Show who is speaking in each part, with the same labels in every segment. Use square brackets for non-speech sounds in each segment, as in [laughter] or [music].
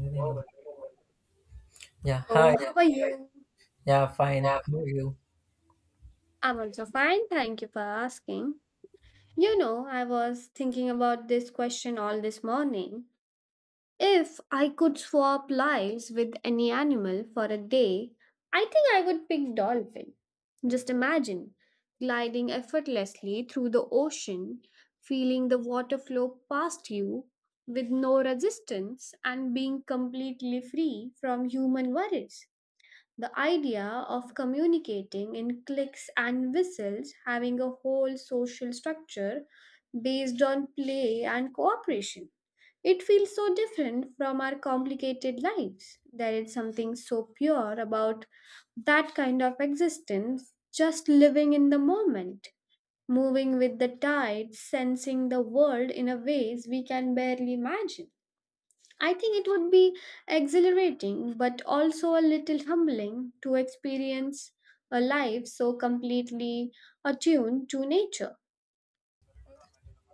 Speaker 1: Yeah, hi.
Speaker 2: So, how are you?
Speaker 1: Yeah, fine. How are you?
Speaker 2: I'm also fine. Thank you for asking. You know, I was thinking about this question all this morning. If I could swap lives with any animal for a day, I think I would pick dolphin. Just imagine gliding effortlessly through the ocean, feeling the water flow past you with no resistance and being completely free from human worries. The idea of communicating in clicks and whistles, having a whole social structure based on play and cooperation. It feels so different from our complicated lives. There is something so pure about that kind of existence, just living in the moment, moving with the tide, sensing the world in a ways we can barely imagine. I think it would be exhilarating, but also a little humbling to experience a life so completely attuned to nature.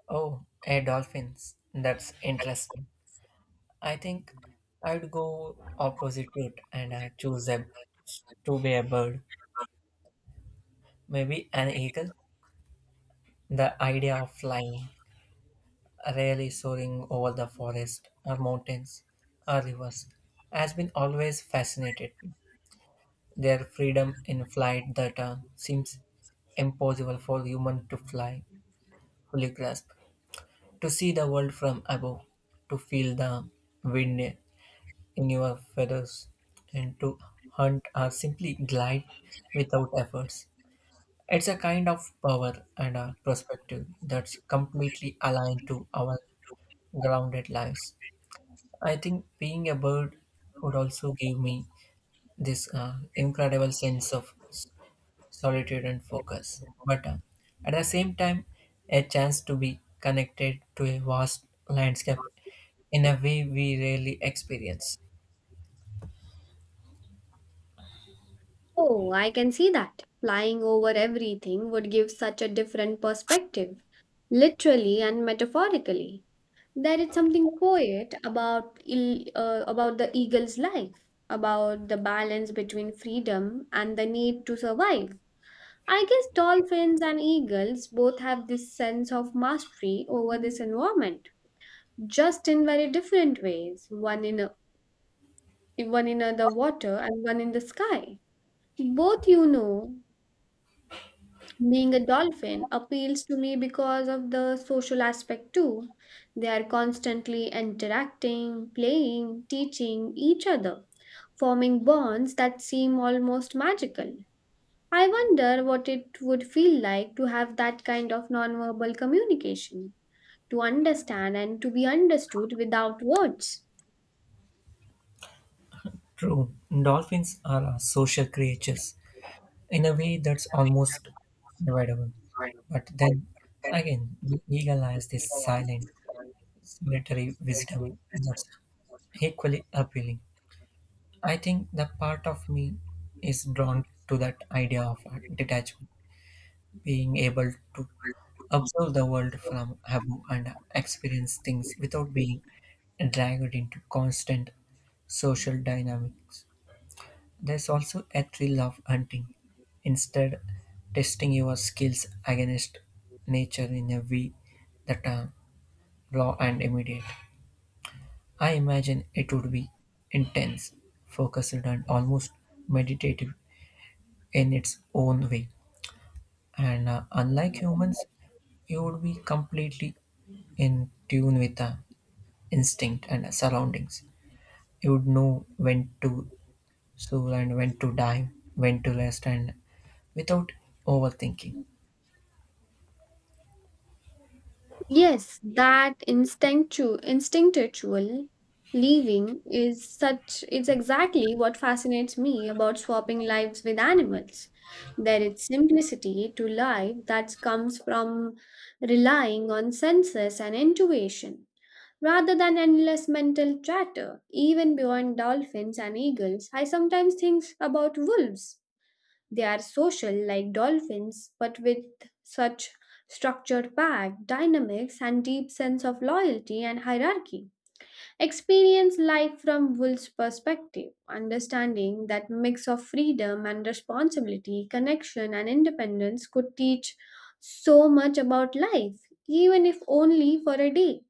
Speaker 1: Oh, hey, dolphins. That's interesting. I think I'd go opposite route and choose a, to be a bird. Maybe an eagle. The idea of flying, really soaring over the forest or mountains or rivers, has been always fascinated me. Their freedom in flight that seems impossible for human to fly, fully grasp. To see the world from above, to feel the wind in your feathers, and to hunt or simply glide without efforts. It's a kind of power and a perspective that's completely aligned to our grounded lives. I think being a bird would also give me this incredible sense of solitude and focus, but at the same time, a chance to be connected to a vast landscape in a way we rarely experience.
Speaker 2: Oh, I can see that. Flying over everything would give such a different perspective, literally and metaphorically. There is something poet about about the eagle's life, about the balance between freedom and the need to survive. I guess dolphins and eagles both have this sense of mastery over this environment, just in very different ways, the water and one in the sky. Both, you know, being a dolphin appeals to me because of the social aspect too. They are constantly interacting, playing, teaching each other, forming bonds that seem almost magical. I wonder what it would feel like to have that kind of nonverbal communication, to understand and to be understood without words.
Speaker 1: True, dolphins are social creatures in a way that's almost unavoidable. But then again, the eagle has this silent, solitary wisdom that's equally appealing. I think the part of me is drawn to that idea of detachment, being able to observe the world from above and experience things without being dragged into constant social dynamics. There's also a thrill of hunting. Instead, testing your skills against nature in a way that are raw and immediate. I imagine it would be intense, focused, and almost meditative in its own way. And unlike humans, you would be completely in tune with the instinct and surroundings. You would know when to slow and when to dive, when to rest, and without overthinking.
Speaker 2: Yes, that instinctual leaving is such it's exactly what fascinates me about swapping lives with animals. There is simplicity to life that comes from relying on senses and intuition. Rather than endless mental chatter, even beyond dolphins and eagles, I sometimes think about wolves. They are social like dolphins, but with such structured pack, dynamics, and deep sense of loyalty and hierarchy. Experience life from wolves' perspective, understanding that mix of freedom and responsibility, connection and independence could teach so much about life, even if only for a day.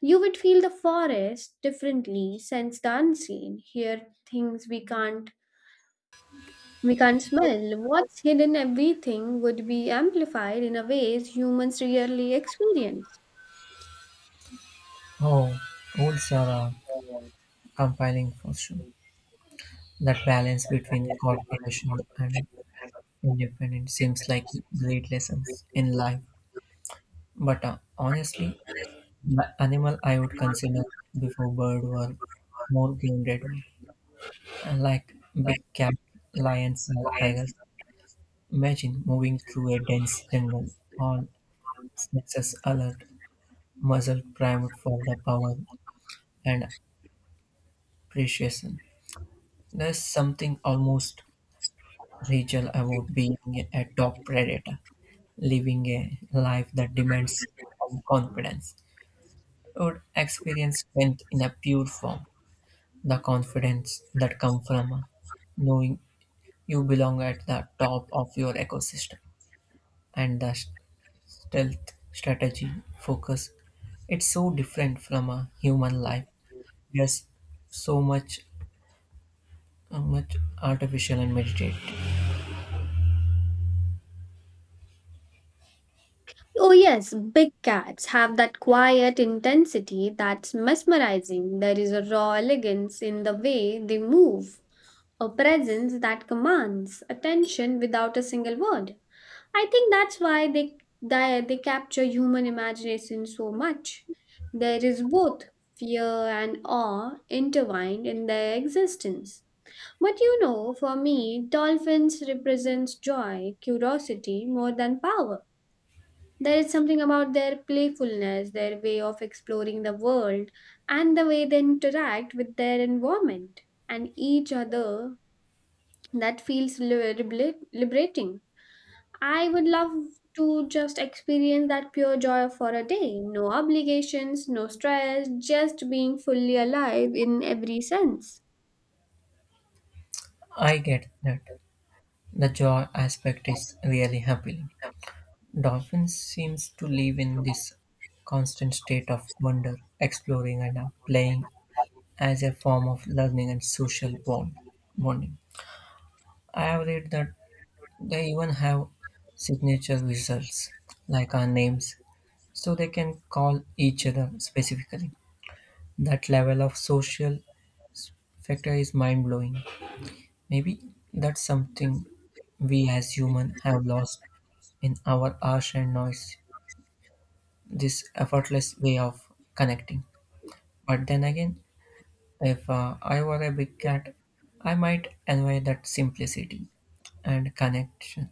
Speaker 2: You would feel the forest differently, sense the unseen, hear things we can't smell. What's hidden everything would be amplified in a ways humans rarely experience.
Speaker 1: Oh, rules are compiling for sure. That balance between corporation and independence seems like great lessons in life. But honestly, the animal I would consider before bird were more grounded, one. Like big cats, lions, or tigers. Imagine moving through a dense jungle, all senses alert, muzzle primed for the power and appreciation. There's something almost regal about being a top predator, living a life that demands confidence. You would experience strength in a pure form, the confidence that comes from knowing you belong at the top of your ecosystem and the stealth, strategy, focus. It's so different from a human life. There's so much artificial and meditative.
Speaker 2: Oh yes, big cats have that quiet intensity that's mesmerizing. There is a raw elegance in the way they move, a presence that commands attention without a single word. I think that's why they capture human imagination so much. There is both fear and awe intertwined in their existence. But you know, for me, dolphins represents joy, curiosity more than power. There is something about their playfulness, their way of exploring the world, and the way they interact with their environment and each other that feels liberating. I would love to just experience that pure joy for a day. No obligations, no stress, just being fully alive in every sense.
Speaker 1: I get that. The joy aspect is really appealing. Dolphins seems to live in this constant state of wonder, exploring and playing as a form of learning and social bonding. I have read that they even have signature visuals like our names so they can call each other specifically. That level of social factor is mind blowing. Maybe that's something we as human have lost in our harsh and noise, this effortless way of connecting. But then again, if I were a big cat, I might envy that simplicity and connection.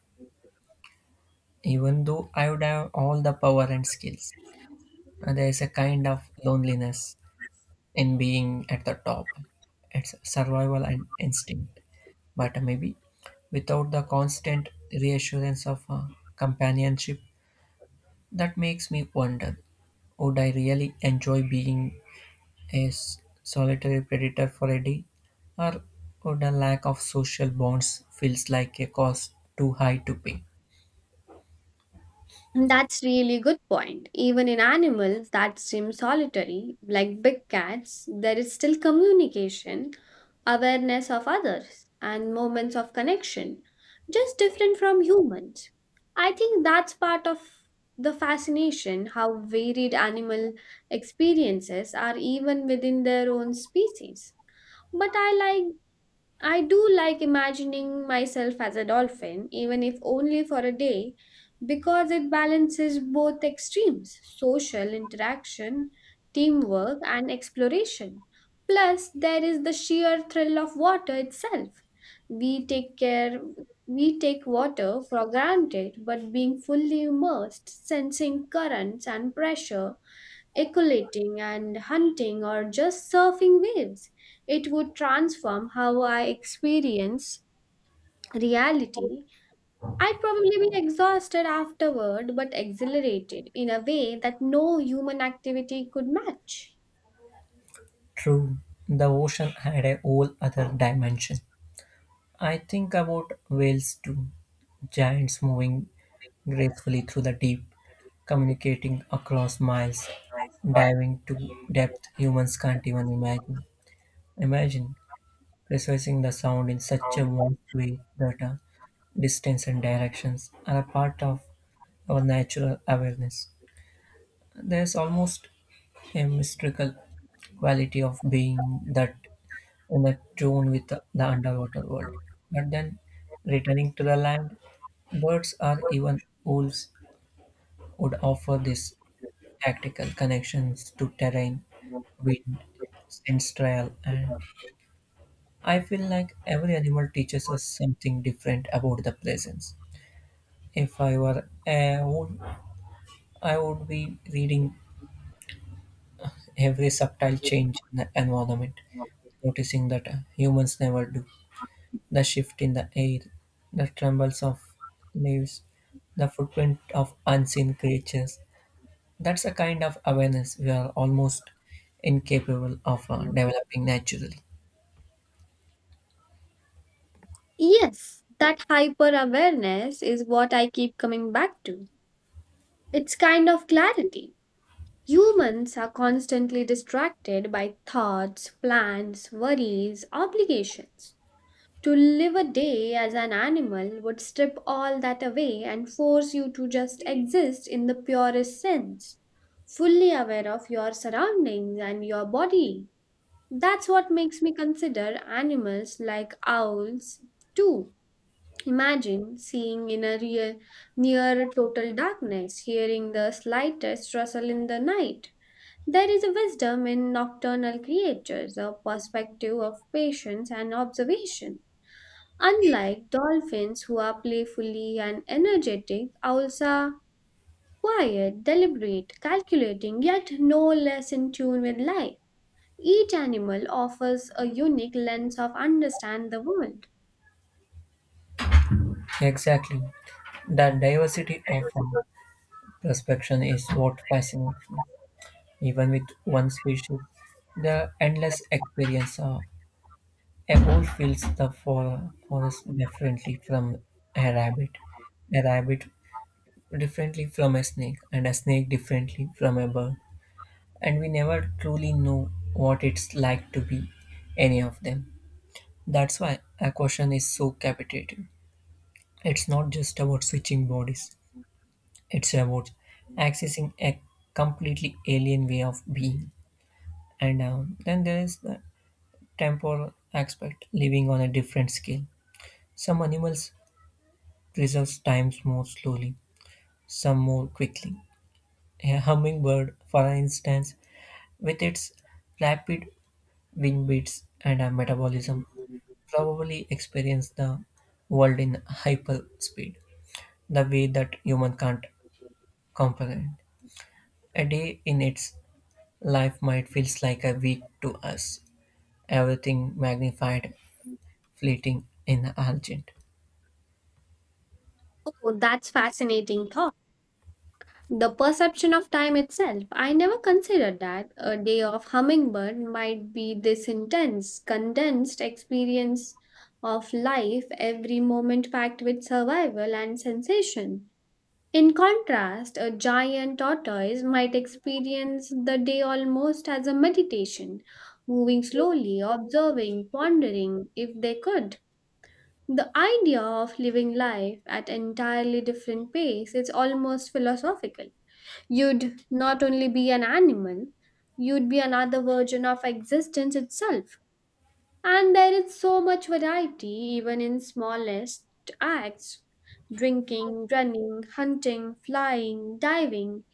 Speaker 1: Even though I would have all the power and skills, and there is a kind of loneliness in being at the top. It's survival and instinct, but maybe without the constant reassurance of companionship, that makes me wonder would I really enjoy being a solitary predator for a day, or would a lack of social bonds feels like a cost too high to pay?
Speaker 2: That's really good point. Even in animals that seem solitary, like big cats, there is still communication, awareness of others, and moments of connection, just different from humans. I think that's part of the fascination how varied animal experiences are even within their own species. But I do like imagining myself as a dolphin, even if only for a day, because it balances both extremes social interaction, teamwork, and exploration. Plus, there is the sheer thrill of water itself. We take care, we take water for granted, but being fully immersed, sensing currents and pressure, ecolating and hunting or just surfing waves. It would transform how I experience reality. I'd probably be exhausted afterward, but exhilarated in a way that no human activity could match.
Speaker 1: True, the ocean had a whole other dimension. I think about whales too, giants moving gracefully through the deep, communicating across miles, diving to depth humans can't even imagine. Imagine precising the sound in such a vast way that distance and directions are a part of our natural awareness. There's almost a mystical quality of being that in a tune with the underwater world. But then, returning to the land, birds or even wolves would offer this tactical connections to terrain, wind, sensorial, and I feel like every animal teaches us something different about the presence. If I were a wood, I would be reading every subtle change in the environment, noticing that humans never do. The shift in the air, the trembles of leaves, the footprint of unseen creatures. That's a kind of awareness we are almost incapable of developing naturally.
Speaker 2: Yes, that hyper awareness is what I keep coming back to. It's kind of clarity. Humans are constantly distracted by thoughts, plans, worries, obligations. To live a day as an animal would strip all that away and force you to just exist in the purest sense, fully aware of your surroundings and your body. That's what makes me consider animals like owls too. Imagine seeing in a real near total darkness, hearing the slightest rustle in the night. There is a wisdom in nocturnal creatures, a perspective of patience and observation. Unlike dolphins, who are playfully and energetic, owls are quiet, deliberate, calculating, yet no less in tune with life. Each animal offers a unique lens of understand the world.
Speaker 1: Exactly. The diversity of prospection is what fascinates me. Even with one species, the endless experience of a wolf feels the forest differently from a rabbit, a rabbit differently from a snake, and a snake differently from a bird. And we never truly know what it's like to be any of them. That's why a question is so captivating. It's not just about switching bodies. It's about accessing a completely alien way of being. And then there is the temporal aspect, living on a different scale. Some animals preserve time more slowly, some more quickly. A hummingbird, for instance, with its rapid wing beats and a metabolism, probably experience the world in hyper speed, the way that human can't comprehend. A day in its life might feel like a week to us, everything magnified, fleeting in the urgent.
Speaker 2: Oh, that's fascinating thought. The perception of time itself. I never considered that a day of hummingbird might be this intense, condensed experience of life, every moment packed with survival and sensation. In contrast, a giant tortoise might experience the day almost as a meditation, moving slowly, observing, pondering if they could. The idea of living life at entirely different pace is almost philosophical. You'd not only be an animal, you'd be another version of existence itself. And there is so much variety, even in smallest acts drinking, running, hunting, flying, diving.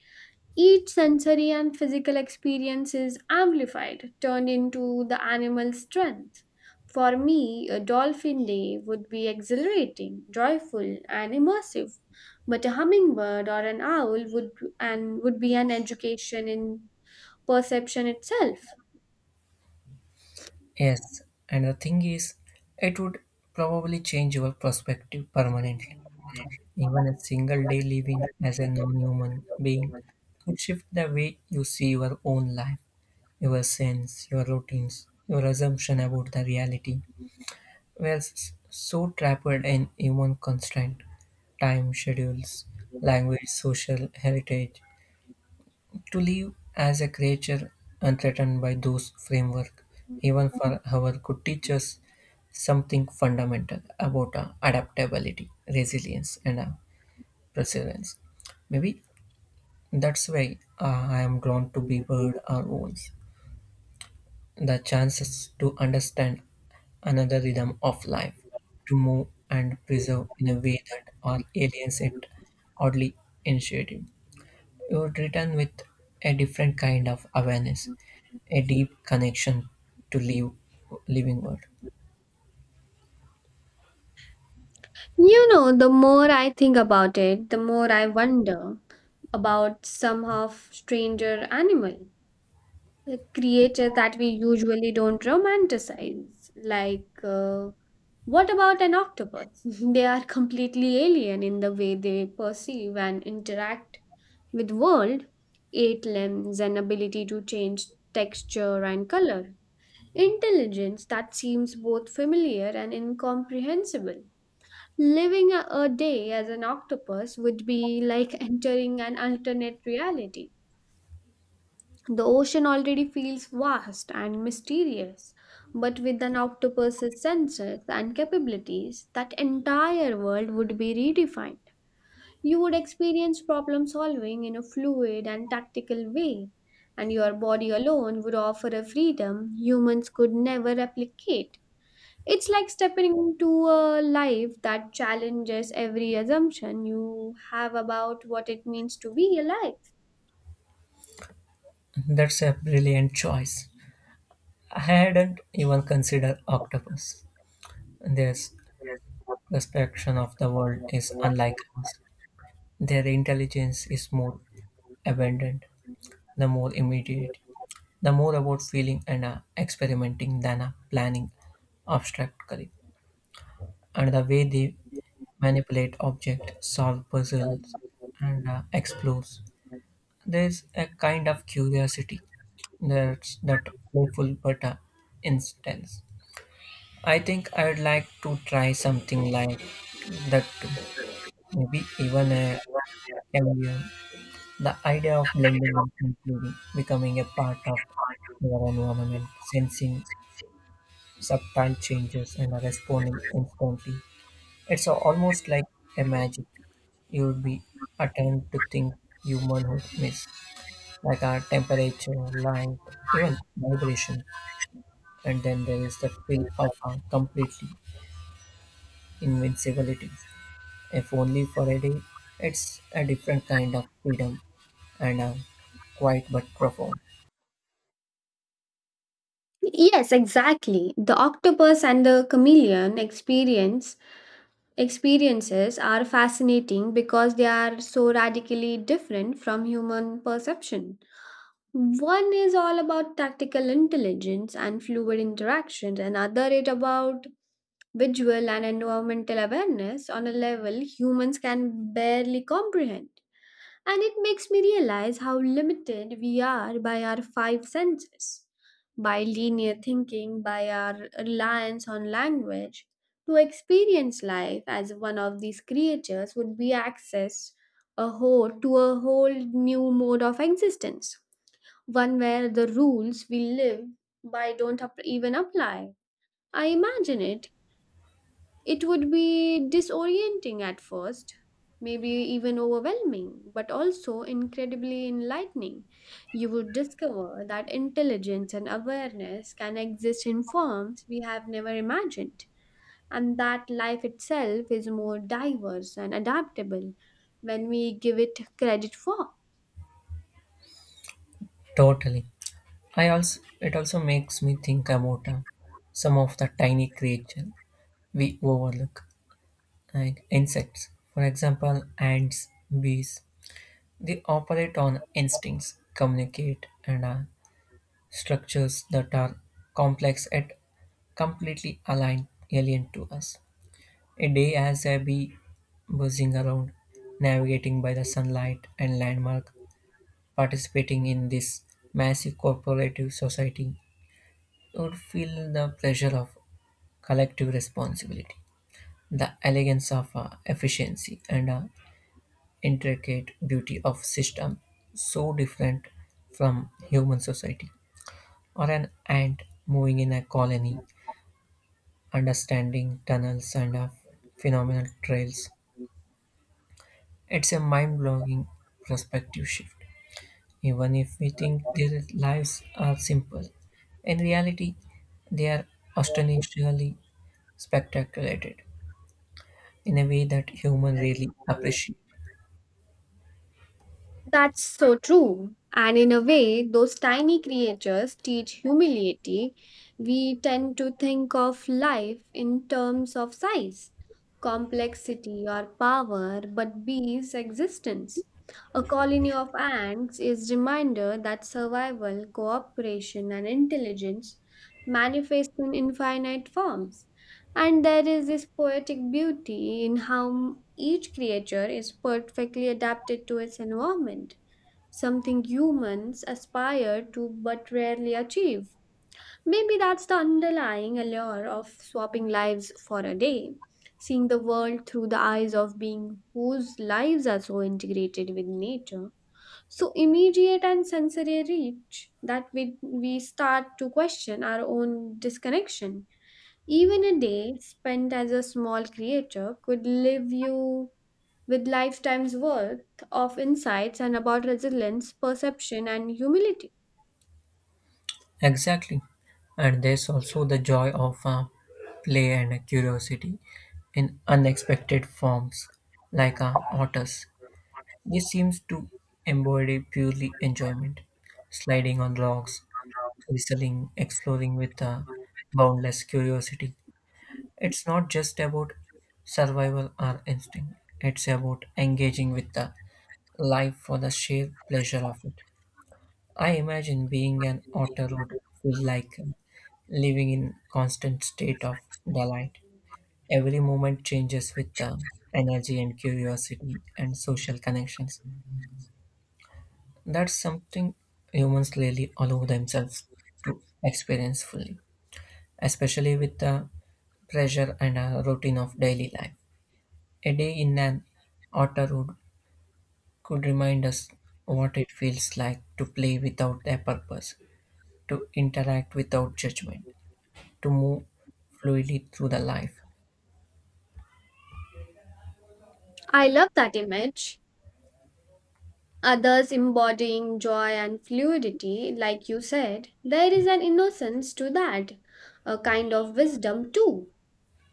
Speaker 2: Each sensory and physical experience is amplified, turned into the animal's strength. For me, a dolphin day would be exhilarating, joyful, and immersive. But a hummingbird or an owl would and would be an education in perception itself.
Speaker 1: Yes, and the thing is, it would probably change your perspective permanently. Even a single day living as a non human being could shift the way you see your own life, your sense, your routines, your assumption about the reality. We are so trapped in human constraint, time schedules, language, social heritage, to live as a creature unthreatened by those framework even for hour could teach us something fundamental about adaptability resilience and perseverance maybe that's why I am drawn to be bird or owls the chances to understand another rhythm of life to move and preserve in a way that our aliens it oddly intuitive. You would return with a different kind of awareness, a deep connection to live, living world.
Speaker 2: You know, the more I think about it, the more I wonder about some of stranger animal, the creature that we usually don't romanticize. Like, what about an octopus? [laughs] They are completely alien in the way they perceive and interact with world, eight limbs and ability to change texture and color. Intelligence that seems both familiar and incomprehensible. Living a day as an octopus would be like entering an alternate reality. The ocean already feels vast and mysterious, but with an octopus's senses and capabilities, that entire world would be redefined. You would experience problem solving in a fluid and tactical way, and your body alone would offer a freedom humans could never replicate. It's like stepping into a life that challenges every assumption you have about what it means to be alive.
Speaker 1: That's a brilliant choice. I hadn't even considered octopus. Their perception of the world is unlike us. Their intelligence is more abundant, the more immediate, the more about feeling and experimenting than planning abstractly. And the way they manipulate objects, solve puzzles, and explores. There's a kind of curiosity that's that playful but intense. I think I'd like to try something like that too. Maybe even a career. The idea of blending and including, becoming a part of your environment, sensing subtle changes and responding instantly. It's almost like a magic. You'll be attempt to think humanhood miss, like our temperature, light, even vibration. And then there is the feel of our completely invincibility. If only for a day, it's a different kind of freedom and a quiet but profound.
Speaker 2: Yes, exactly. The octopus and the chameleon experiences are fascinating because they are so radically different from human perception. One is all about tactical intelligence and fluid interactions, another other it about visual and environmental awareness on a level humans can barely comprehend. And it makes me realize how limited we are by our five senses, by linear thinking, by our reliance on language. To experience life as one of these creatures would be access a whole new mode of existence, one where the rules we live by don't even apply. I imagine it would be disorienting at first, maybe even overwhelming, but also incredibly enlightening. You would discover that intelligence and awareness can exist in forms we have never imagined, and that life itself is more diverse and adaptable when we give it credit for.
Speaker 1: Totally. I also it also makes me think about some of the tiny creatures we overlook, like insects. For example, ants, bees, they operate on instincts, communicate, and are structures that are complex yet completely aligned, alien to us. A day as a bee buzzing around, navigating by the sunlight and landmark, participating in this massive corporative society, you would feel the pressure of collective responsibility, the elegance of efficiency, and intricate beauty of system so different from human society or an ant moving in a colony understanding tunnels and phenomenal trails it's a mind-blowing perspective shift even if we think their lives are simple in reality they are astonishingly spectaculated in a way that humans really appreciate.
Speaker 2: That's so true. And in a way, those tiny creatures teach humility. We tend to think of life in terms of size, complexity, or power, but bees' existence. A colony of ants is reminder that survival, cooperation, and intelligence manifest in infinite forms. And there is this poetic beauty in how each creature is perfectly adapted to its environment something humans aspire to but rarely achieve. Maybe that's the underlying allure of swapping lives for a day, seeing the world through the eyes of being whose lives are so integrated with nature, so immediate and sensory reach that we start to question our own disconnection. Even a day spent as a small creature could leave you with lifetime's worth of insights and about resilience, perception, and humility.
Speaker 1: Exactly. And there's also the joy of play and curiosity in unexpected forms, like otters. This seems to embody purely enjoyment, sliding on logs, whistling, exploring with boundless curiosity. It's not just about survival or instinct, it's about engaging with the life for the sheer pleasure of it. I imagine being an otter would feel like living in constant state of delight. Every moment changes with the energy and curiosity and social connections. That's something humans rarely allow themselves to experience fully, especially with the pressure and routine of daily life. A day in an otter would could remind us what it feels like to play without a purpose, to interact without judgment, to move fluidly through the life.
Speaker 2: I love that image. Others embodying joy and fluidity, like you said, there is an innocence to that, a kind of wisdom too.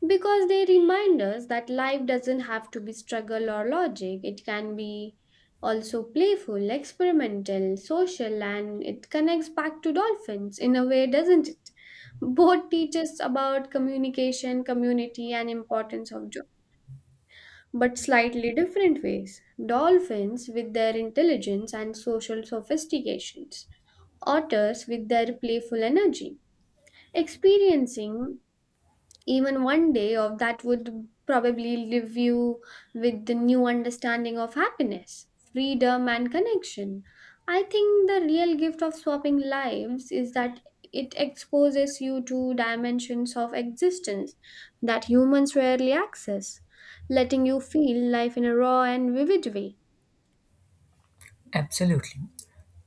Speaker 2: Because they remind us that life doesn't have to be struggle or logic. It can be also playful, experimental, social, and it connects back to dolphins in a way, doesn't it? Both teach us about communication, community, and importance of joy, but slightly different ways. Dolphins with their intelligence and social sophistications, otters with their playful energy. Experiencing even one day of that would probably leave you with the new understanding of happiness, freedom, and connection. I think the real gift of swapping lives is that it exposes you to dimensions of existence that humans rarely access, letting you feel life in a raw and vivid way.
Speaker 1: Absolutely.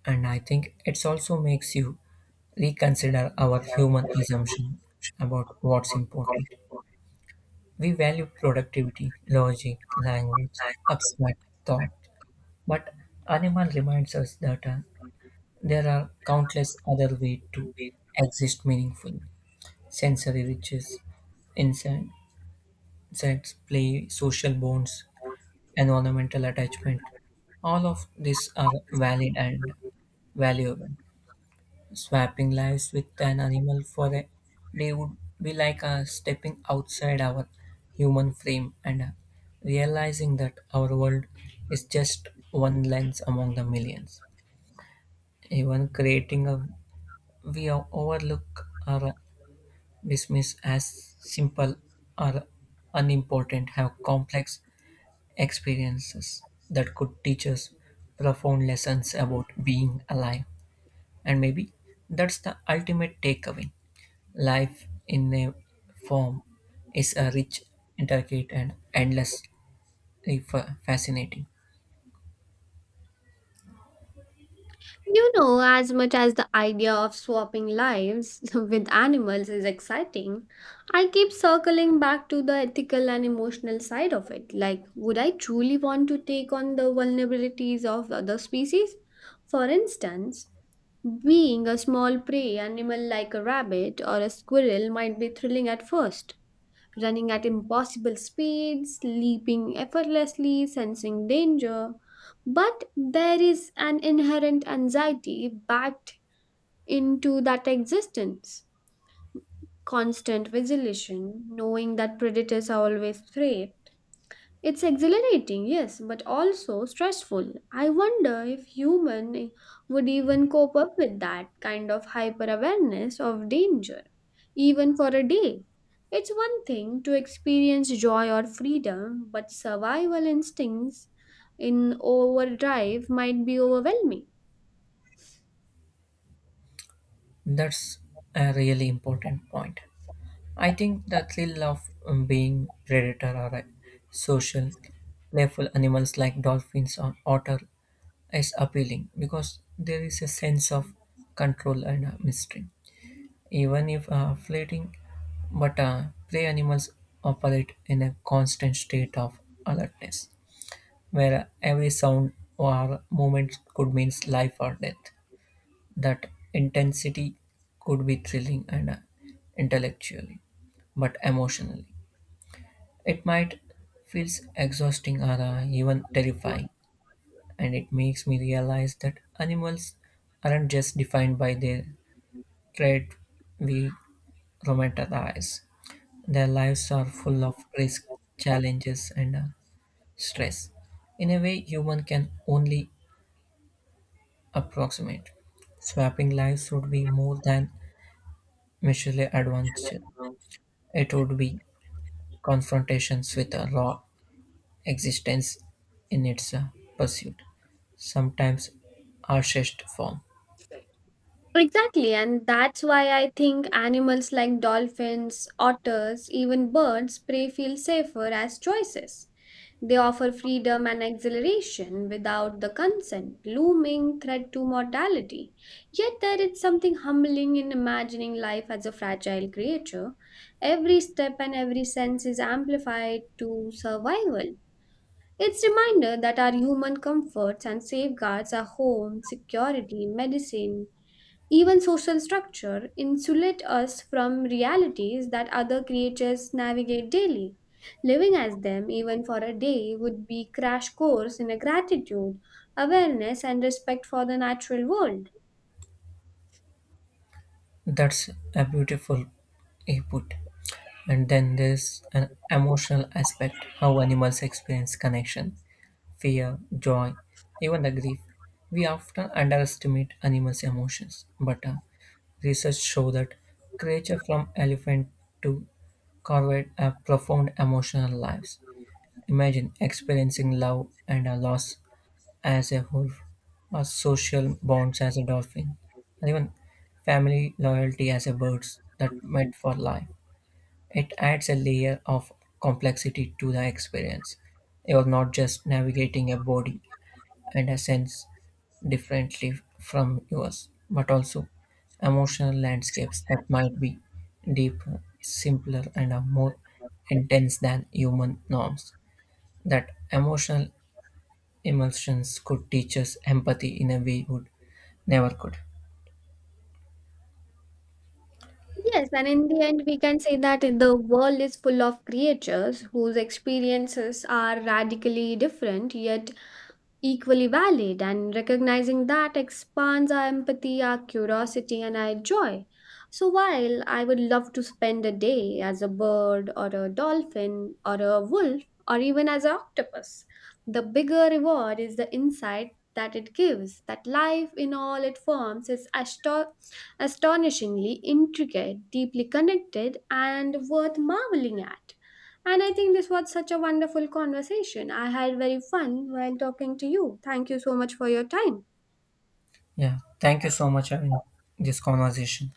Speaker 1: And I think it also makes you reconsider our human assumption about what's important. We value productivity, logic, language, abstract thought, but animal reminds us that there are countless other ways to exist meaningfully. Sensory riches, insight- insects, play, social bonds, environmental attachment, all of these are valid and valuable. Swapping lives with an animal for a day would be like stepping outside our human frame and realizing that our world is just one lens among the millions. Even creating a we overlook or dismiss as simple or unimportant have complex experiences that could teach us profound lessons about being alive. And maybe that's the ultimate takeaway. Life in a form is a rich, intricate, and endlessly fascinating.
Speaker 2: You know, as much as the idea of swapping lives [laughs] with animals is exciting, I keep circling back to the ethical and emotional side of it. Like, would I truly want to take on the vulnerabilities of other species? For instance, being a small prey animal like a rabbit or a squirrel might be thrilling at first running at impossible speeds, leaping effortlessly, sensing danger. But there is an inherent anxiety backed into that existence. Constant vigilation, knowing that predators are always prey, it's exhilarating, yes, but also stressful. I wonder if human would even cope up with that kind of hyper awareness of danger, even for a day. It's one thing to experience joy or freedom, but survival instincts in overdrive might be overwhelming.
Speaker 1: That's a really important point. I think the thrill of being predator or a social, playful animals like dolphins or otter is appealing because there is a sense of control and mystery. Even if fleeting, but prey animals operate in a constant state of alertness, where every sound or movement could mean life or death. That intensity could be thrilling and intellectually, but emotionally. It might feels exhausting or even terrifying, and it makes me realize that animals aren't just defined by their trait we romanticize. Their lives are full of risk, challenges, and stress. In a way, human can only approximate. Swapping lives would be more than mutually advantage. It would be confrontations with a raw existence in its pursuit, sometimes harshest form.
Speaker 2: Exactly, and that's why I think animals like dolphins, otters, even birds prey feel safer as choices. They offer freedom and exhilaration without the consent, looming threat to mortality. Yet there is something humbling in imagining life as a fragile creature. Every step and every sense is amplified to survival. It's reminder that our human comforts and safeguards are home, security, medicine, even social structure insulate us from realities that other creatures navigate daily. Living as them, even for a day, would be crash course in a gratitude, awareness, and respect for the natural world.
Speaker 1: That's a beautiful input. And then there's an emotional aspect, how animals experience connection fear, joy, even the grief. We often underestimate animals' emotions, but research shows that creatures from elephant to corvid have profound emotional lives. Imagine experiencing love and a loss as a wolf, or social bonds as a dolphin, and even family loyalty as a bird that meant for life. It adds a layer of complexity to the experience. You're not just navigating a body and a sense differently from yours, but also emotional landscapes that might be deeper, simpler, and are more intense than human norms. That emotional emulsions could teach us empathy in a way would never could.
Speaker 2: Yes, and in the end, we can say that the world is full of creatures whose experiences are radically different yet equally valid, and recognizing that expands our empathy, our curiosity, and our joy. So, while I would love to spend a day as a bird, or a dolphin, or a wolf, or even as an octopus, the bigger reward is the insight that it gives that life in all its forms is astonishingly intricate, deeply connected, and worth marveling at. And I think this was such a wonderful conversation. I had very fun while talking to you. Thank you so much for your time.
Speaker 1: Yeah, thank you so much having this conversation.